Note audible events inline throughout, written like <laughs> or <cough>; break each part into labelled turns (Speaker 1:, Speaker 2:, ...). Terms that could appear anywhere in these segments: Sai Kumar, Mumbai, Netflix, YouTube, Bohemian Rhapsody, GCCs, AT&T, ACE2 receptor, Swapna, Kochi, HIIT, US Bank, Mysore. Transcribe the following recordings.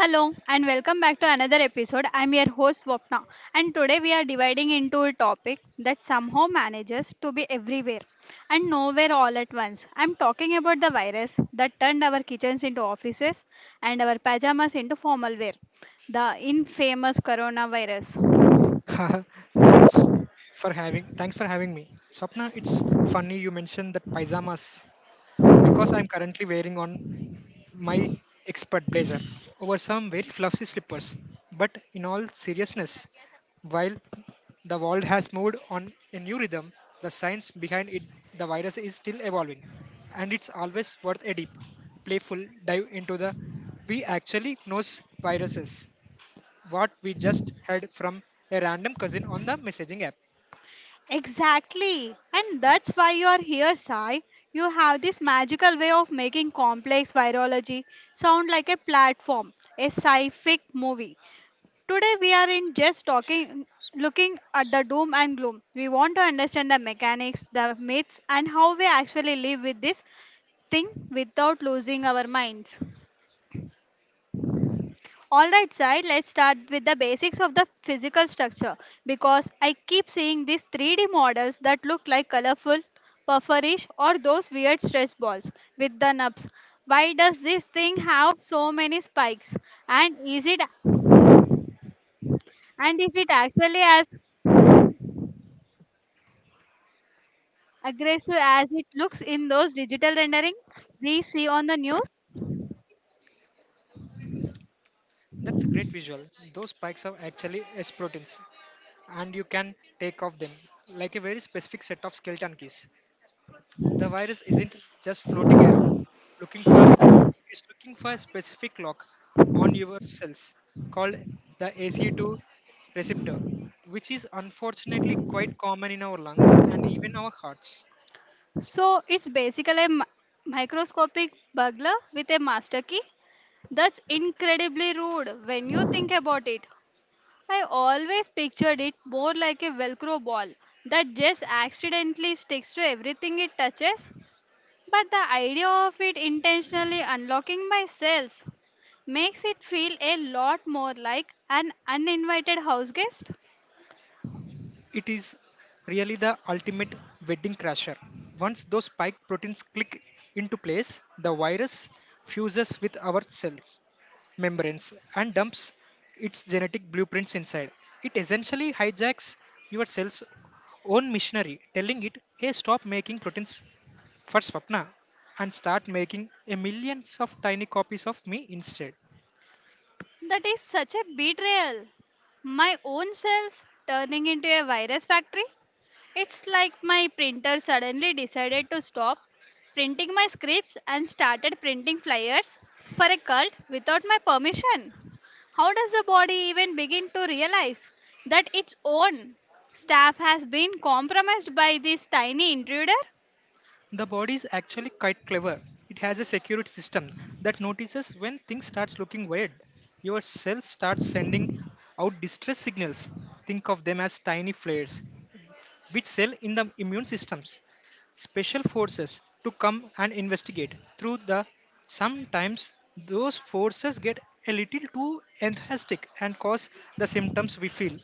Speaker 1: Hello and welcome back to another episode. I'm your host Swapna, and today we are dividing into a topic that somehow manages to be everywhere and nowhere all at once. I'm talking about the virus that turned our kitchens into offices and our pajamas into formal wear, the infamous coronavirus.
Speaker 2: Haha, thanks for having me. Swapna. It's funny you mentioned that pyjamas because I'm currently wearing on my expert blazer over some very fluffy slippers. But in all seriousness, while the world has moved on a new rhythm, the science behind it the virus is still evolving. And it's always worth a deep, playful dive into the we actually knows viruses. What we just heard from a random cousin on the messaging app.
Speaker 1: Exactly. And that's why you are here, Sai. You have this magical way of making complex virology sound like a platform, a sci-fic movie. Today we are in just talking looking at the doom and gloom. We want to understand the mechanics, the myths, and how we actually live with this thing without losing our minds. Alright, Sai, let's start with the basics of the physical structure, because I keep seeing these 3D models that look like colorful pufferish or those weird stress balls with the nubs. Why does this thing have so many spikes? And is it and is it actually as aggressive as it looks in those digital rendering we see on the news?
Speaker 2: That's a great visual. Those spikes are actually S proteins, and you can take off them like a very specific set of skeleton keys. The virus isn't just floating around looking for it's looking for a specific lock on your cells called the ACE2 receptor, which is unfortunately quite common in our lungs and even our hearts.
Speaker 1: So it's basically a microscopic burglar with a master key. That's incredibly rude when you think about it. I always pictured it more like a velcro ball that just accidentally sticks to everything it touches. But the idea of it intentionally unlocking my cells makes it feel a lot more like an uninvited house guest.
Speaker 2: It is really the ultimate wedding crasher. Once those spike proteins click into place, the virus fuses with our cells membranes and dumps its genetic blueprints inside. It essentially hijacks your cell's own machinery, telling it, hey, stop making proteins for Swapna and start making a millions of tiny copies of me instead.
Speaker 1: That is such a betrayal. My own cells turning into a virus factory. It's like my printer suddenly decided to stop printing my scripts and started printing flyers for a cult without my permission. How does the body even begin to realize that its own staff has been compromised by this tiny intruder?
Speaker 2: The body is actually quite clever. It has a security system that notices when things starts looking weird. Your cells start sending out distress signals. Think of them as tiny flares, which cell in the immune systems special forces to come and investigate. Through the sometimes those forces get a little too enthusiastic and cause the symptoms we feel.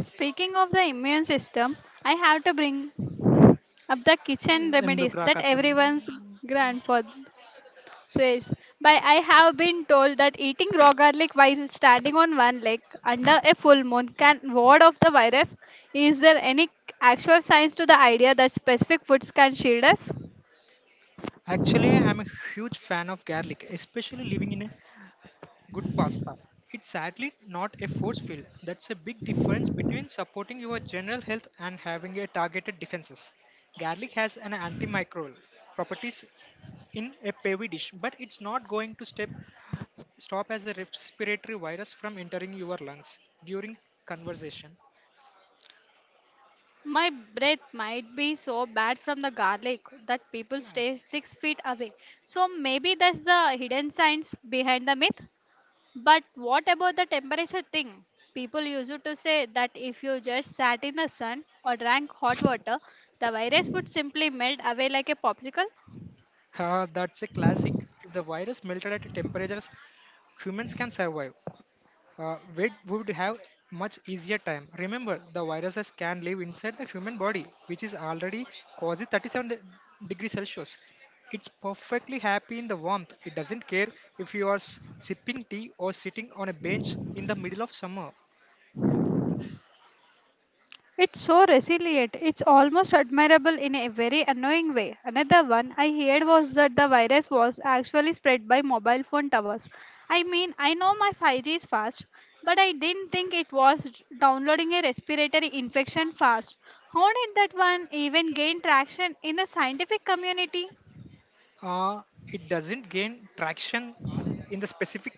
Speaker 1: Speaking of the immune system, I have to bring up the kitchen remedies
Speaker 2: ఎందుకురా
Speaker 1: that
Speaker 2: కథలు.
Speaker 1: everyone's grandfather Swiss. But I have been told that eating raw garlic while standing on one leg under a full moon can ward off the virus. Is there any actual science to the idea that specific foods can shield us?
Speaker 2: Actually, I'm a huge fan of garlic, especially living in a good pasta. It's sadly not a force field. That's a big difference between supporting your general health and having a targeted defenses. Garlic has an antimicrobial properties in a pavy dish, but it's not going to step stop as a respiratory virus from entering your lungs during conversation.
Speaker 1: My breath might be so bad from the garlic that people
Speaker 2: Class.
Speaker 1: stay 6 feet away. So maybe that's the hidden science behind the myth. But what about the temperature thing? People used to say that if you just sat in the sun or drank hot water, the virus would simply melt away like a popsicle.
Speaker 2: Ah, that's a classic. If the virus melted at temperatures humans can survive, we would have much easier time. Remember, the viruses can live inside the human body, which is already quasi 37 degrees Celsius. It's perfectly happy in the warmth. It doesn't care if you are sipping tea or sitting on a bench in the middle of summer.
Speaker 1: It's so resilient. It's almost admirable in a very annoying way. Another one I heard was that the virus was actually spread by mobile phone towers. I mean, I know my 5G is fast, but I didn't think it was downloading a respiratory infection fast. How did that one even gain traction in the scientific community?
Speaker 2: Uh, it doesn't gain traction in the specific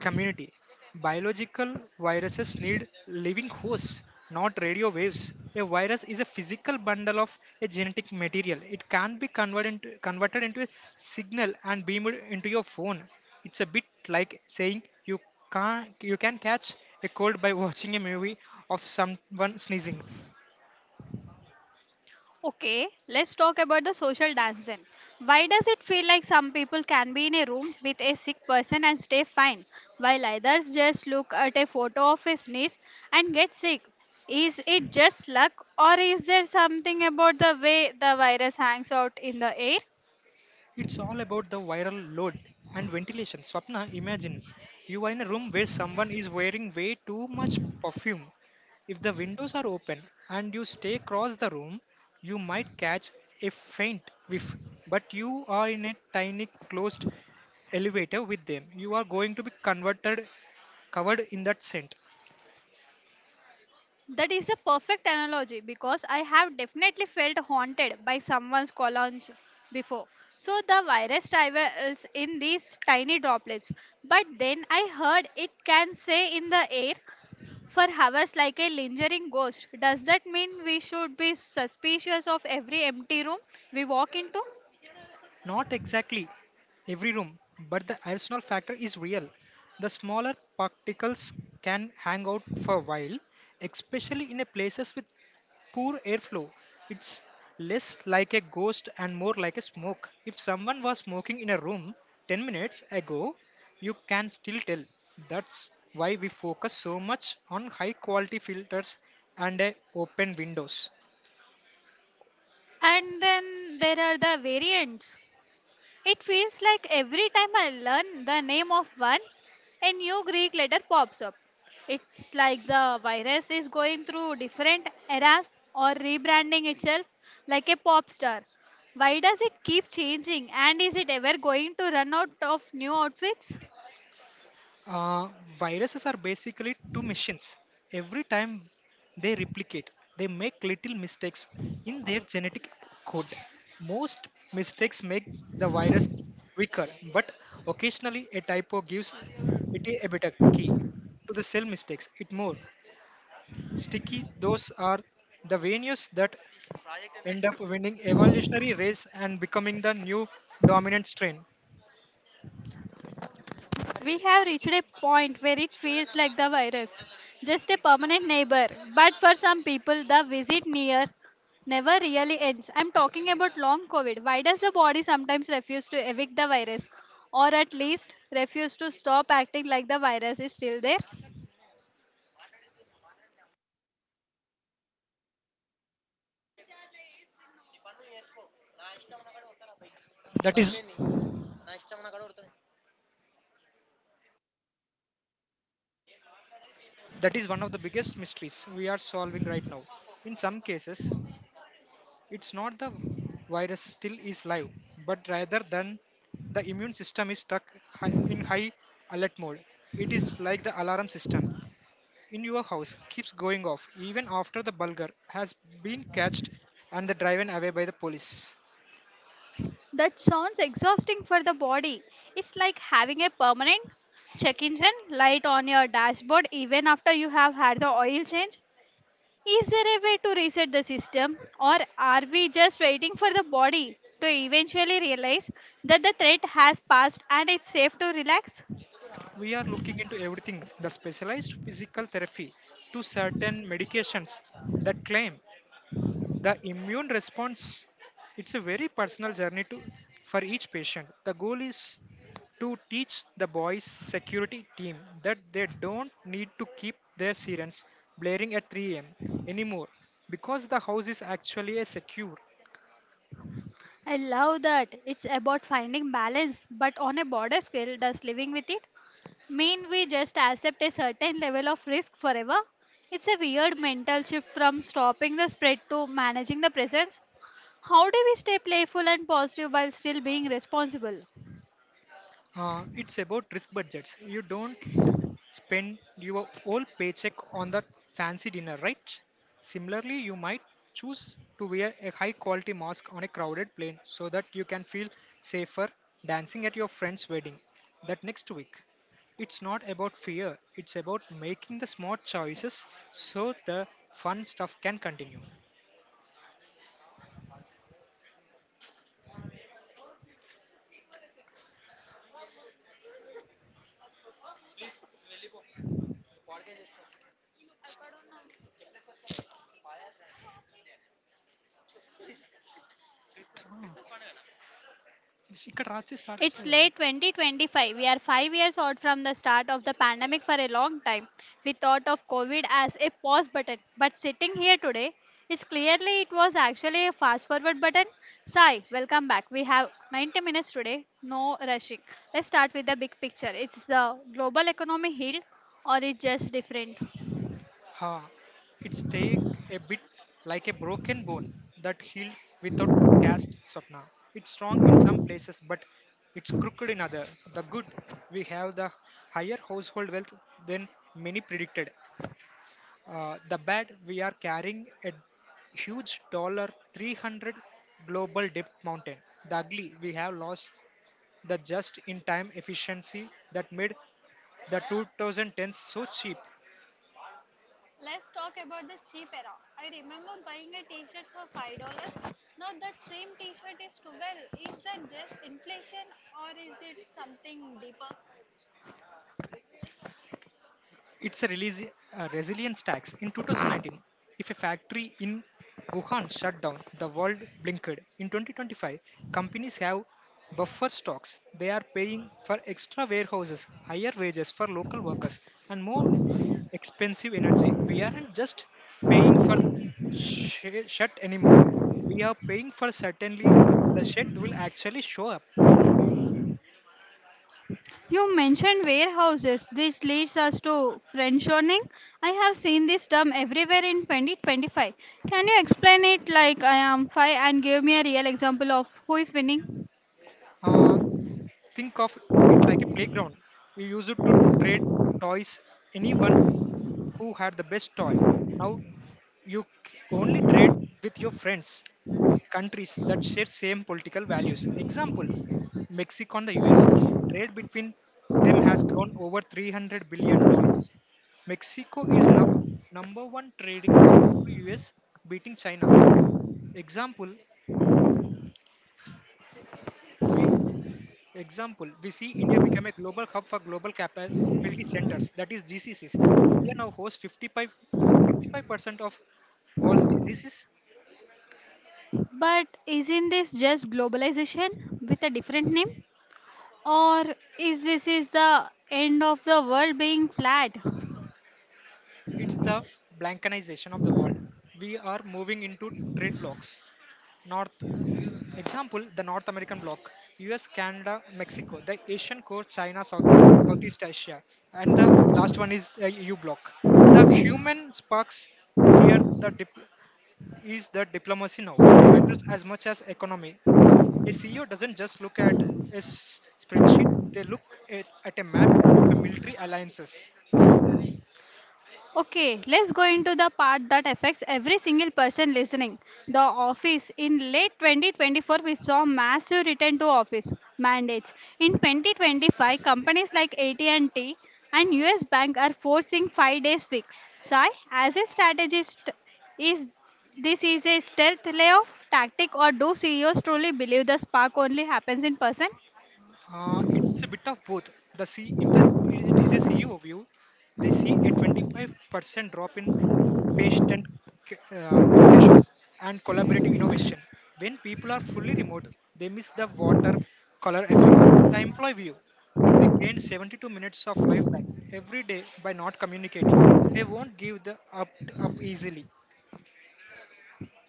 Speaker 2: community. Biological viruses need living hosts, not radio waves. A virus is a physical bundle of a genetic material. It can't be converted into a signal and beamed into your phone. It's a bit like saying you can catch a cold by <laughs> watching a movie of someone sneezing.
Speaker 1: Okay, let's talk about the social dance then. Why does it feel like some people can be in a room with a sick person and stay fine, while others just look at a photo of his niece and get sick? Is it just luck, or is there something about the way the virus hangs out in the air?
Speaker 2: It's all about the viral load and ventilation. Swapna, imagine you are in a room where someone is wearing way too much perfume. If the windows are open and you stay across the room, you might catch a faint whiff, but you are in a tiny closed elevator with them. You are going to be converted covered in that scent.
Speaker 1: That is a perfect analogy, because I have definitely felt haunted by someone's colonge before. So the virus travels in these tiny droplets, but then I heard it can stay in the air for hours like a lingering ghost. Does that mean we should be suspicious of every empty room we walk into?
Speaker 2: Not exactly every room, but the additional factor is real. The smaller particles can hang out for a while, especially in a places with poor airflow. It's less like a ghost and more like a smoke. If someone was smoking in a room 10 minutes ago, you can still tell. That's why we focus so much on high quality filters and open windows.
Speaker 1: And then there are the variants. It feels like every time I learn the name of one, a new Greek letter pops up. It's like the virus is going through different eras or rebranding itself like a pop star. Why does it keep changing, and is it ever going to run out of new outfits?
Speaker 2: Uh, Viruses are basically two machines. Every time they replicate, they make little mistakes in their genetic code. Most mistakes make the virus weaker, but occasionally a typo gives it a better key to the cell mistakes. It more sticky. Those are the venues that end up winning evolutionary race and becoming the new dominant strain.
Speaker 1: We have reached a point where it feels like the virus, just a permanent neighbor. But for some people, the visit near never really ends. I'm talking about long COVID. Why does the body sometimes refuse to evict the virus, or at least refuse to stop acting like the virus is still there?
Speaker 2: That is That is one of the biggest mysteries we are solving right now. In some cases, it's not the virus still is live, but rather than the immune system is stuck in high alert mode. It is like the alarm system in your house keeps going off even after the burglar has been catched and the driven away by the police.
Speaker 1: That sounds exhausting for the body. It's like having a permanent check engine light on your dashboard, even after you have had the oil change. Is there a way to reset the system, or are we just waiting for the body to eventually realize that the threat has passed and it's safe to relax?
Speaker 2: We are looking into everything the specialized physical therapy to certain medications that claim the immune response it's a very personal journey to for each patient the goal is to teach the boys security team that they don't need to keep their sirens blaring at 3 a.m. anymore because the house is actually a secure.
Speaker 1: I love that. It's about finding balance, but on a broader scale, does living with it mean we just accept a certain level of risk forever? It's a weird mental shift from stopping the spread to managing the presence. How do we stay playful and positive while still being responsible?
Speaker 2: It's about risk budgets you don't spend your whole paycheck on that fancy dinner, right? Similarly, you might choose to wear a high quality mask on a crowded plane so that you can feel safer dancing at your friend's wedding that next week. It's not about fear, it's about making the smart choices so the fun stuff can continue. Ah, ఇక్కడ రాసి start
Speaker 1: It's
Speaker 2: చేయాలి.
Speaker 1: late 2025. We are 5 years out from the start of the pandemic for a long time. We thought of COVID as a pause button, but sitting here today, it's clearly it was actually a fast forward button. Sai, welcome back. We have 90 minutes today, no rushing. Let's start with the big picture. It's the global economy healed, or it's just different?
Speaker 2: Ha, it's take a bit like a broken bone that healed without cast, Swapna. It's strong in some places, but it's crooked in other. The good, we have the higher household wealth than many predicted. The bad, we are carrying a huge dollar 300 global debt mountain. The ugly, we have lost the just in time efficiency that made the 2010s so cheap.
Speaker 1: Let's talk about the cheap era. I remember buying a t-shirt for $5. Now that same t-shirt is 12. Is that just inflation, or is it something deeper?
Speaker 2: It's a resilience tax. In 2019, if a factory in Wuhan shut down, the world blinked. In 2025, companies have buffer stocks. They are paying for extra warehouses, higher wages for local workers, and more expensive energy. We aren't just paying for the shut anymore. We are paying for certainly that the shit will actually show up.
Speaker 1: You mentioned warehouses. This leads us to friendshoring. I have seen this term everywhere in 2025. Can you explain it like I am five and give me a real example of who is winning?
Speaker 2: Uh, Think of it like a playground. You used to trade toys. Anyone who had the best toy. Now you only trade with your friends, countries that share same political values. Example, Mexico and the US. Trade between them has grown over 300 billion dollars. Mexico is now number one trading partner to US, beating China. Example, we Example, we see India become a global hub for global capability centers, that is GCCs. India now hosts 55% of world's GCCs.
Speaker 1: But isn't this just globalization with a different name? Or is this is the end of the world being flat?
Speaker 2: It's the blankenization of the world. We are moving into trade blocks. North the North American bloc, US, Canada, Mexico, the Asian core, China, Southeast Asia, and the last one is the EU bloc. The human sparks here the is that diplomacy now matters as much as economy. A CEO doesn't just look at spreadsheet, they look at a map of a military alliances.
Speaker 1: Okay, let's go into the part that affects every single person listening. The office. In late 2024, we saw massive return to office mandates. In 2025, companies like AT&T and US Bank are forcing 5 days week. Sai, as a strategist, is this is a stealth layoff tactic, or do CEOs truly believe the spark only happens in person?
Speaker 2: It's a bit of both. The C, if the, it is a CEO view, they see a 25% drop in patient ca- uh, caches and collaborative innovation. When people are fully remote, they miss the water color The employee view. They gained 72 minutes of life back every day by not communicating. They won't give the up up easily.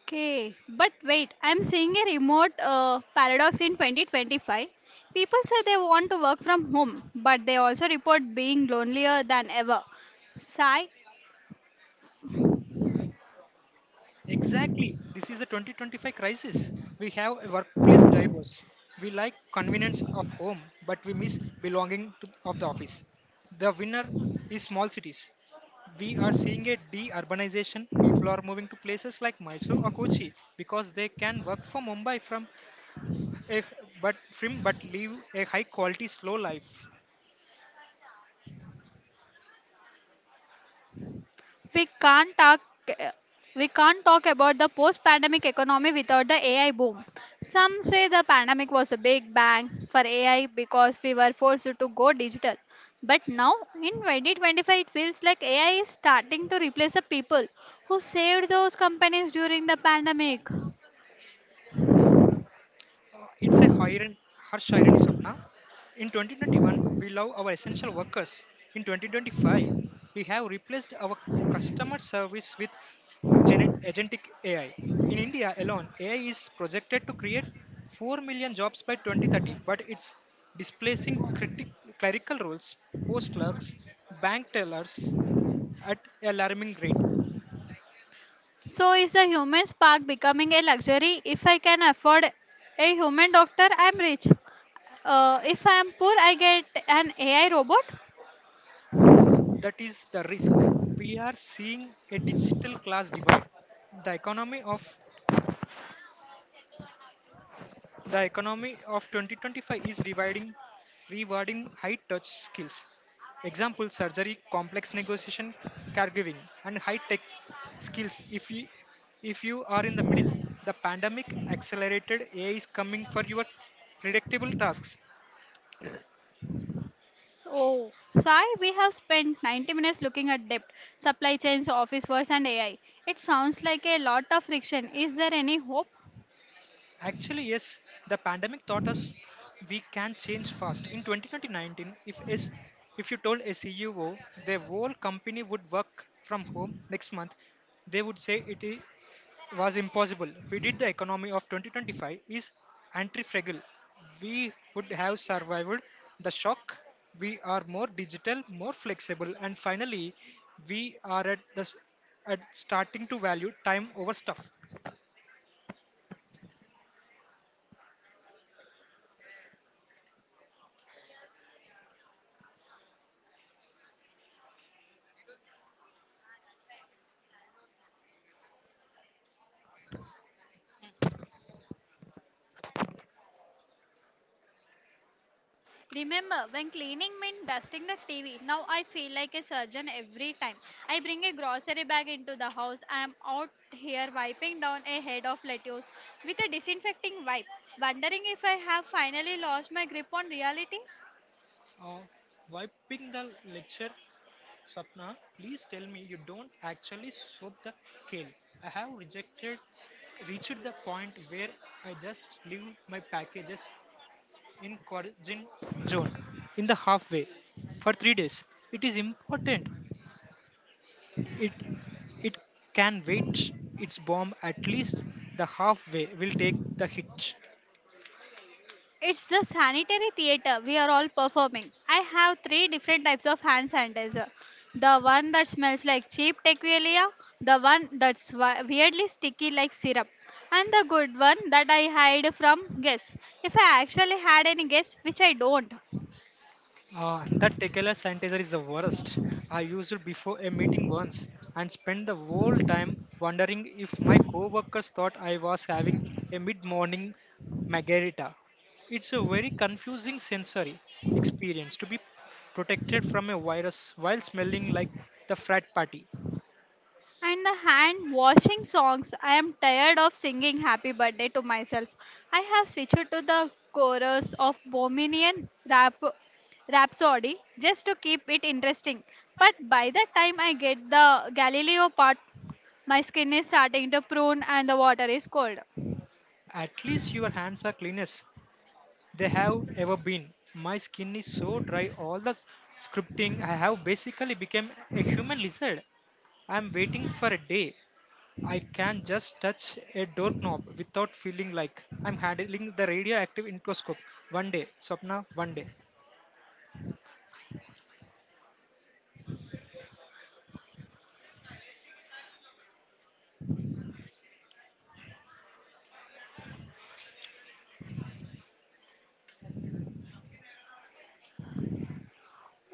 Speaker 1: Okay, but wait, I'm seeing a remote paradox in 2025. People say they want to work from home, but they also report being lonelier than ever. Sigh,
Speaker 2: Exactly. This is a 2025 crisis. We have a workplace drivers. We like convenience of home, but we miss belonging to, of the office. The winner is small cities. We are seeing a de-urbanization. People are moving to places like Mysore or Kochi because they can work from Mumbai from a, but film but live a high quality slow life.
Speaker 1: we can't talk we can't talk about the post pandemic economy without the AI boom. Some say the pandemic was a big bang for AI because we were forced to go digital. But now in 2025, it feels like AI is starting to replace the people who saved those companies during the pandemic.
Speaker 2: It's a harsh irony, Sapna. In 2021, we love our essential workers. In 2025, we have replaced our customer service with agentic AI. In India alone, AI is projected to create 4 million jobs by 2030, but it's displacing clerical roles, post clerks, bank tellers at alarming rate.
Speaker 1: So, is the human spark becoming a luxury? If I can afford a human doctor, I'm rich. If I'm poor, I get an AI robot.
Speaker 2: That is the risk. We are seeing a digital class divide. The economy of the economy of 2025 is rewarding high touch skills. Example surgery, complex negotiation, caregiving and high tech skills. If you are in the middle, the pandemic accelerated AI is coming for your predictable tasks.
Speaker 1: So, Sai, we have spent 90 minutes looking at debt, supply chains, office wars, and AI. It sounds like a lot of friction. Is there any hope?
Speaker 2: Actually, yes, the pandemic taught us we can change fast. In 2019, if you told a CEO their whole company would work from home next month, they would say was impossible. We did the economy of 2025 is anti-fragile. We would have survived the shock. We are more digital, more flexible, and finally, we are at at starting to value time over stuff.
Speaker 1: Remember, when cleaning meant dusting the TV, now I feel like a surgeon every time I bring a grocery bag into the house. I am out here wiping down a head of lettuce with a disinfecting wipe, wondering if I have finally lost my grip on reality.
Speaker 2: Uh, Wiping the lecture Sapna, please tell me you don't actually soak the kale. I have rejected reached the point where I just leave my packages in origin zone in the halfway for 3 days. It is important. It it can wait its bomb at least the halfway will take the hit.
Speaker 1: It's the sanitary theater we are all performing. I have three different types of hand sanitizer: the one that smells like cheap tequila, the one that's weirdly sticky like syrup, and the good one that I hide from guests. If I actually had any guests, which I don't.
Speaker 2: That tequila sanitizer is the worst. I used it before a meeting once and spent the whole time wondering if my coworkers thought I was having a mid-morning margarita. It's a very confusing sensory experience to be protected from a virus while smelling like the frat party.
Speaker 1: And the hand washing songs. I am tired of singing happy birthday to myself. I have switched to the chorus of Bohemian rap Rhapsody just to keep it interesting. But by the time I get the Galileo part, my skin is starting to prune and the water is cold.
Speaker 2: At least your hands are cleanest they have ever been. My skin is so dry all the scripting I have basically become a human lizard. I'm waiting for a day I can just touch a doorknob without feeling like I'm handling the radioactive endoscope. One day, Swapna, one day.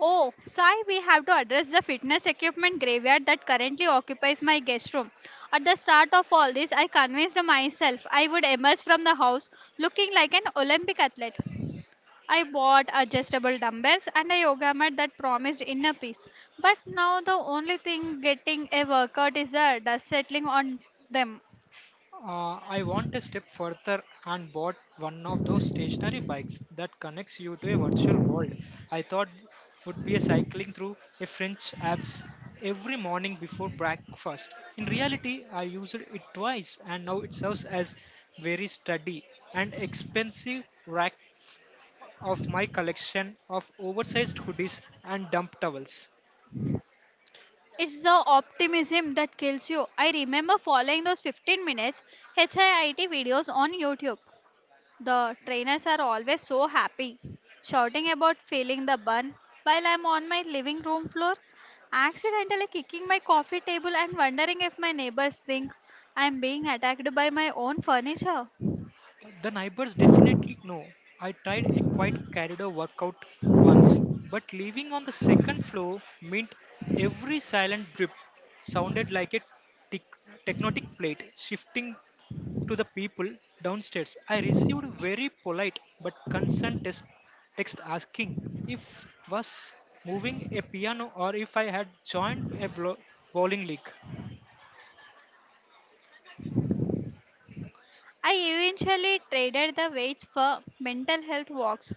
Speaker 1: Oh, Sai, we have to address the fitness equipment graveyard that currently occupies my guest room. At the start of all this, I convinced myself I would emerge from the house looking like an Olympic athlete. I bought adjustable dumbbells and a yoga mat that promised inner peace. But now the only thing getting a workout is the dust settling on them.
Speaker 2: I want a step further and bought one of those stationary bikes that connects you to a virtual world. I thought would be a cycling through a French Alps every morning before breakfast. In reality, I used it twice, and now it serves as very sturdy and expensive rack of my collection of oversized hoodies and dump towels.
Speaker 1: It's the optimism that kills you. I remember following those 15 minutes HIIT videos on YouTube. The trainers are always so happy, shouting about feeling the bun while I'm on my living room floor, accidentally kicking my coffee table and wondering if my neighbors think I'm being attacked by my own furniture.
Speaker 2: The neighbors definitely know. I tried a quiet corridor workout once, but living on the second floor meant every silent drip sounded like a tic- tectonic plate shifting to the people downstairs. I received very polite but concerned text asking if was moving a piano or if I had joined a bowling league.
Speaker 1: I eventually traded the weights for mental health walks.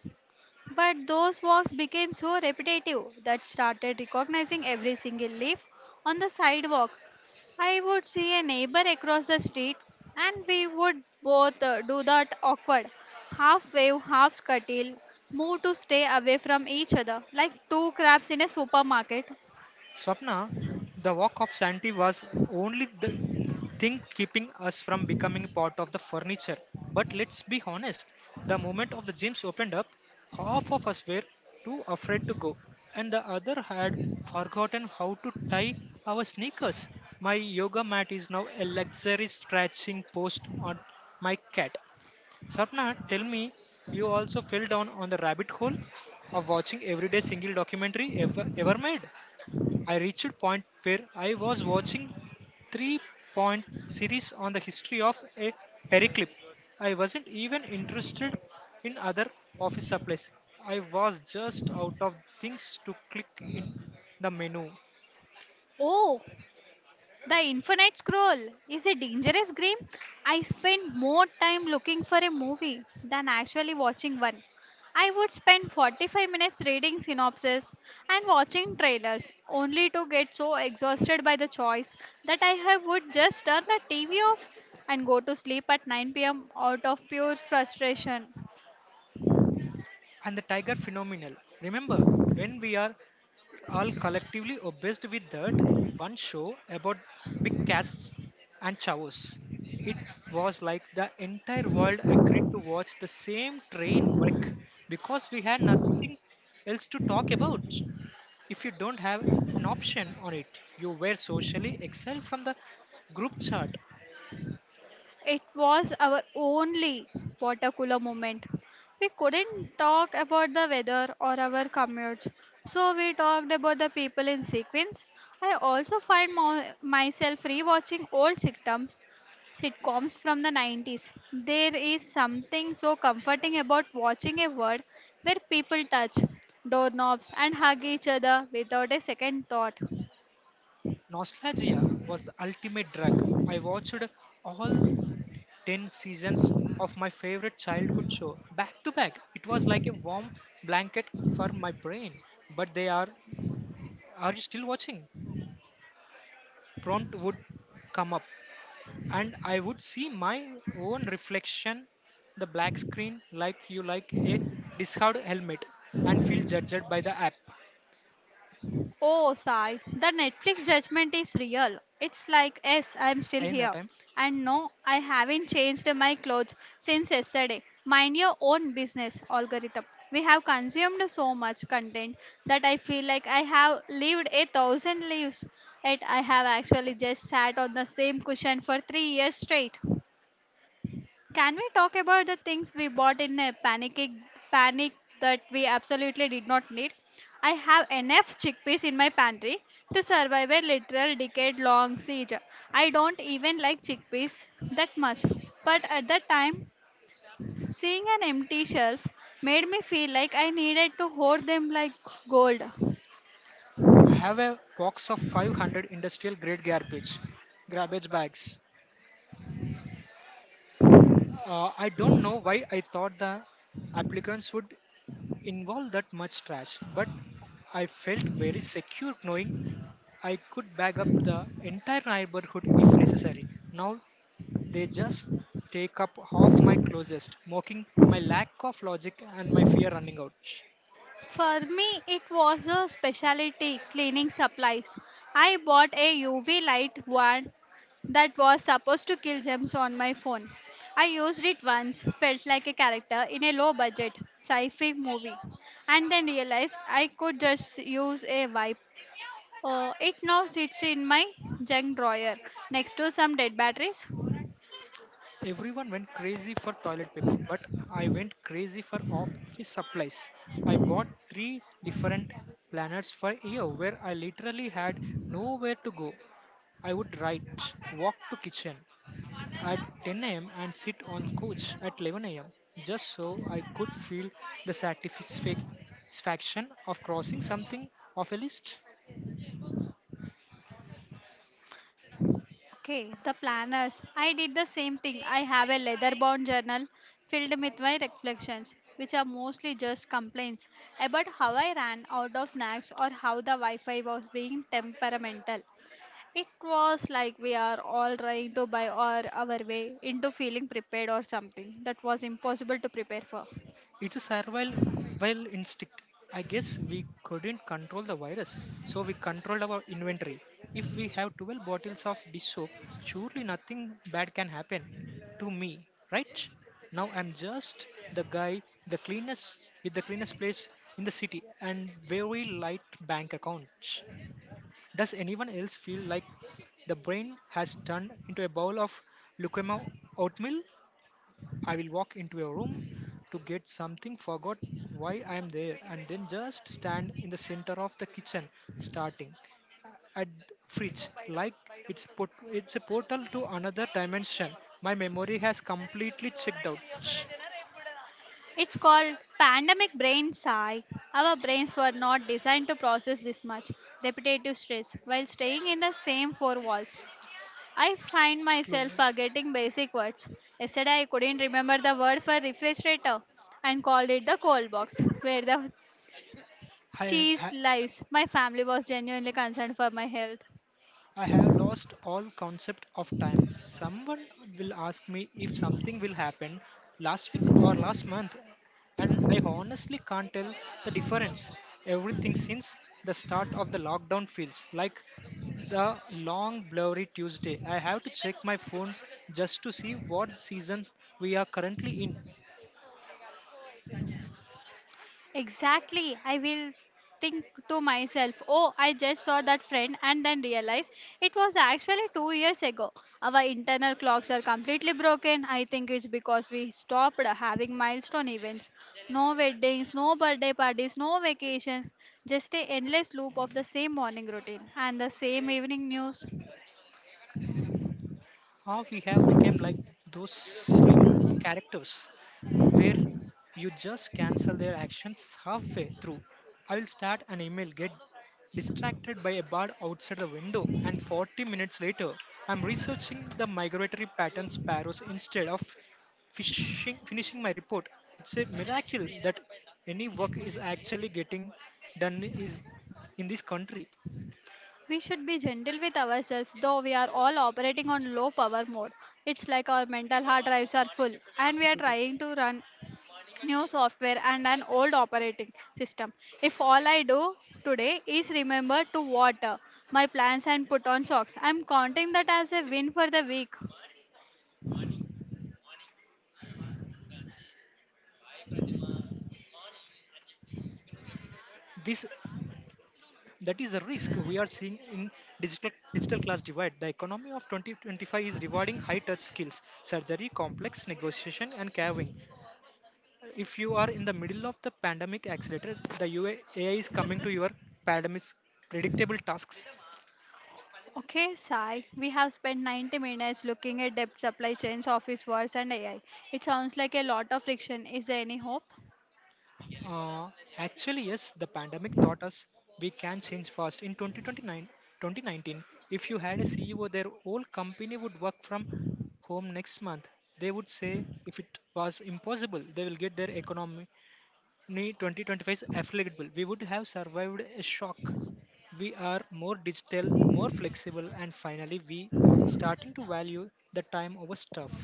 Speaker 1: But those walks became so repetitive that started recognizing every single leaf on the sidewalk. I would see a neighbor across the street, and we would both do that awkward half wave, half scuttle move to stay away from each other like two crabs in a supermarket.
Speaker 2: Swapna, the walk of Shanti was only the thing keeping us from becoming part of the furniture. But let's be honest, the moment of the gyms opened up, half of us were too afraid to go, and the other had forgotten how to tie our sneakers. My yoga mat is now a luxury stretching post on my cat. Swapna, tell me, you also fell down on the rabbit hole of watching everyday single documentary ever made? I reached a point where I was watching three point series on the history of a periclip. I wasn't even interested in other office supplies. I was just out of things to click in the menu.
Speaker 1: Oh, the Infinite Scroll is a dangerous game. I spend more time looking for a movie than actually watching one. I would spend 45 minutes reading synopses and watching trailers, only to get so exhausted by the choice that I have would just turn the TV off and go to sleep at 9 p.m. out of pure frustration.
Speaker 2: And the tiger phenomenal. Remember when we are all collectively obsessed with that one show about big casts and chavos. It was like the entire world agreed to watch the same train wreck because we had nothing else to talk about. If you don't have an option on it, you were socially exiled from the group chat.
Speaker 1: It was our only water cooler moment. We couldn't talk about the weather or our commutes, so we talked about the people in sequence. I also find myself rewatching old sitcoms, sitcoms from the 90s. There is something so comforting about watching a world where people touch doorknobs and hug each other without a second thought.
Speaker 2: Nostalgia was the ultimate drug. I watched all 10 seasons of my favorite childhood show back to back. It was like a warm blanket for my brain. But are you still watching? Prompt would come up, and I would see my own reflection, the black screen, like you like a discard helmet, and feel judged by the app.
Speaker 1: Oh, Sai, the Netflix judgment is real. It's like, yes, I'm still
Speaker 2: In that
Speaker 1: here.
Speaker 2: time
Speaker 1: And no, I haven't changed my clothes since yesterday. Mind your own business algorithm. We have consumed so much content that I feel like I have lived 1,000 lives. Yet I have actually just sat on the same cushion for 3 years straight. Can we talk about the things we bought in a panic that we absolutely did not need? I have enough chickpeas in my pantry to survive a literal decade long siege. I don't even like chickpeas that much, but at that time, seeing an empty shelf made me feel like I needed to hoard them like gold.
Speaker 2: have a box of 500 industrial grade garbage bags. I don't know why I thought the applicants would involve that much trash, but I felt very secure knowing I could bag up the entire neighborhood if necessary. Now they just take up half my closest, mocking my lack of logic and my fear running out.
Speaker 1: For me, it was a specialty cleaning supplies. I bought a UV light one that was supposed to kill germs on my phone. I used it once, felt like a character in a low budget sci fi movie, and then realized I could just use a wipe. It now sits in my junk drawer next to some dead batteries.
Speaker 2: Everyone went crazy for toilet paper, but I went crazy for office supplies. I bought three different planners for a year where I literally had nowhere to go. I would write, walk to kitchen at 10 a.m. and sit on couch at 11 a.m. just so I could feel the satisfaction of crossing something off a list.
Speaker 1: Okay, the planners. I did the same thing. I have a leather bound journal filled with my reflections, which are mostly just complaints about how I ran out of snacks
Speaker 2: Podcast.
Speaker 1: or how the Wi Fi was being temperamental. It was like we are all trying to buy our way into feeling prepared or something that was impossible to prepare for.
Speaker 2: It's a survival instinct. I guess we couldn't control the virus, so we controlled our inventory. If we have 12 bottles of dish soap, surely nothing bad can happen to me, right? Now I'm just the guy, the cleanest with the cleanest place in the city and very light bank account. Does anyone else feel like the brain has turned into a bowl of leukemia oatmeal? I will walk into a room to get something, forgot why I am there, and then just stand in the center of the kitchen, starting at fridge, like it's a portal to another dimension. My memory has completely checked out. Shh.
Speaker 1: It's called pandemic brain sigh. Our brains were not designed to process this much repetitive stress while staying in the same four walls. I find
Speaker 2: Slow.
Speaker 1: myself forgetting basic words. Yesterday, I couldn't remember the word for refrigerator and called it the cold box, where the
Speaker 2: Hi,
Speaker 1: cheese
Speaker 2: hi.
Speaker 1: lives. My family was genuinely concerned for my health.
Speaker 2: I have lost all concept of time. Someone will ask me if something will happen last week or last month, and I honestly can't tell the difference. Everything since the start of the lockdown feels like the long blurry Tuesday. I have to check my phone just to see what season we are currently in.
Speaker 1: Exactly. I will think to myself, oh, I just saw that friend and then realize it was actually 2 years ago. Our internal clocks are completely broken. I think it's because we stopped having milestone events. No weddings, no birthday parties, no vacations, just a endless loop of the same morning routine and the same evening news.
Speaker 2: How we have become like those slim characters where you just cancel their actions halfway through. I will start an email, get distracted by a bird outside the window, and 40 minutes later, I'm researching the migratory pattern sparrows instead of finishing my report. It's a miracle that any work is actually getting done is in this country.
Speaker 1: We should be gentle with ourselves though we are all operating on low power mode. It's like our mental hard drives are full and we are
Speaker 2: Completed.
Speaker 1: trying to run new software and an old operating system. If all I do today is remember to water my plants and put on socks, I'm counting that as a win for the week.
Speaker 2: This That is a risk we are seeing in digital class divide. The economy of 2025 is rewarding high touch skills, surgery, complex negotiation, and carving. If you are in the middle of the pandemic accelerator, the UA AI is coming to your pandemic predictable tasks.
Speaker 1: Okay, Sai, we have spent 90 minutes looking at debt supply chains, office wars, and AI. It sounds like a lot of friction. Is there any hope?
Speaker 2: Uh, actually, yes, the pandemic taught us we can change fast. 2019, if you had a CEO, their whole company would work from home next month. They would say if it was impossible, they will get their economy 2025 afflictable. We would have survived a shock. We are more digital, more flexible, and finally, we starting to value the time over stuff.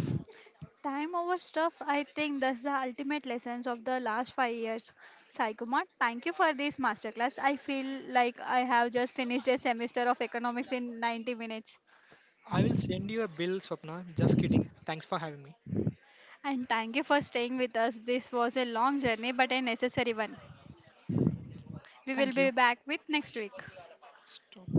Speaker 1: Time over stuff, I think that's the ultimate lessons of the last 5 years. Sai Kumar, thank you for this masterclass. I feel like I have just finished a semester of economics in 90 minutes.
Speaker 2: I will send you a bill, Swapna. Just kidding. Thanks for having me.
Speaker 1: And thank you for staying with us. This was a long journey, but a necessary one. We will
Speaker 2: Thank you.
Speaker 1: be back with next week.
Speaker 2: Stop.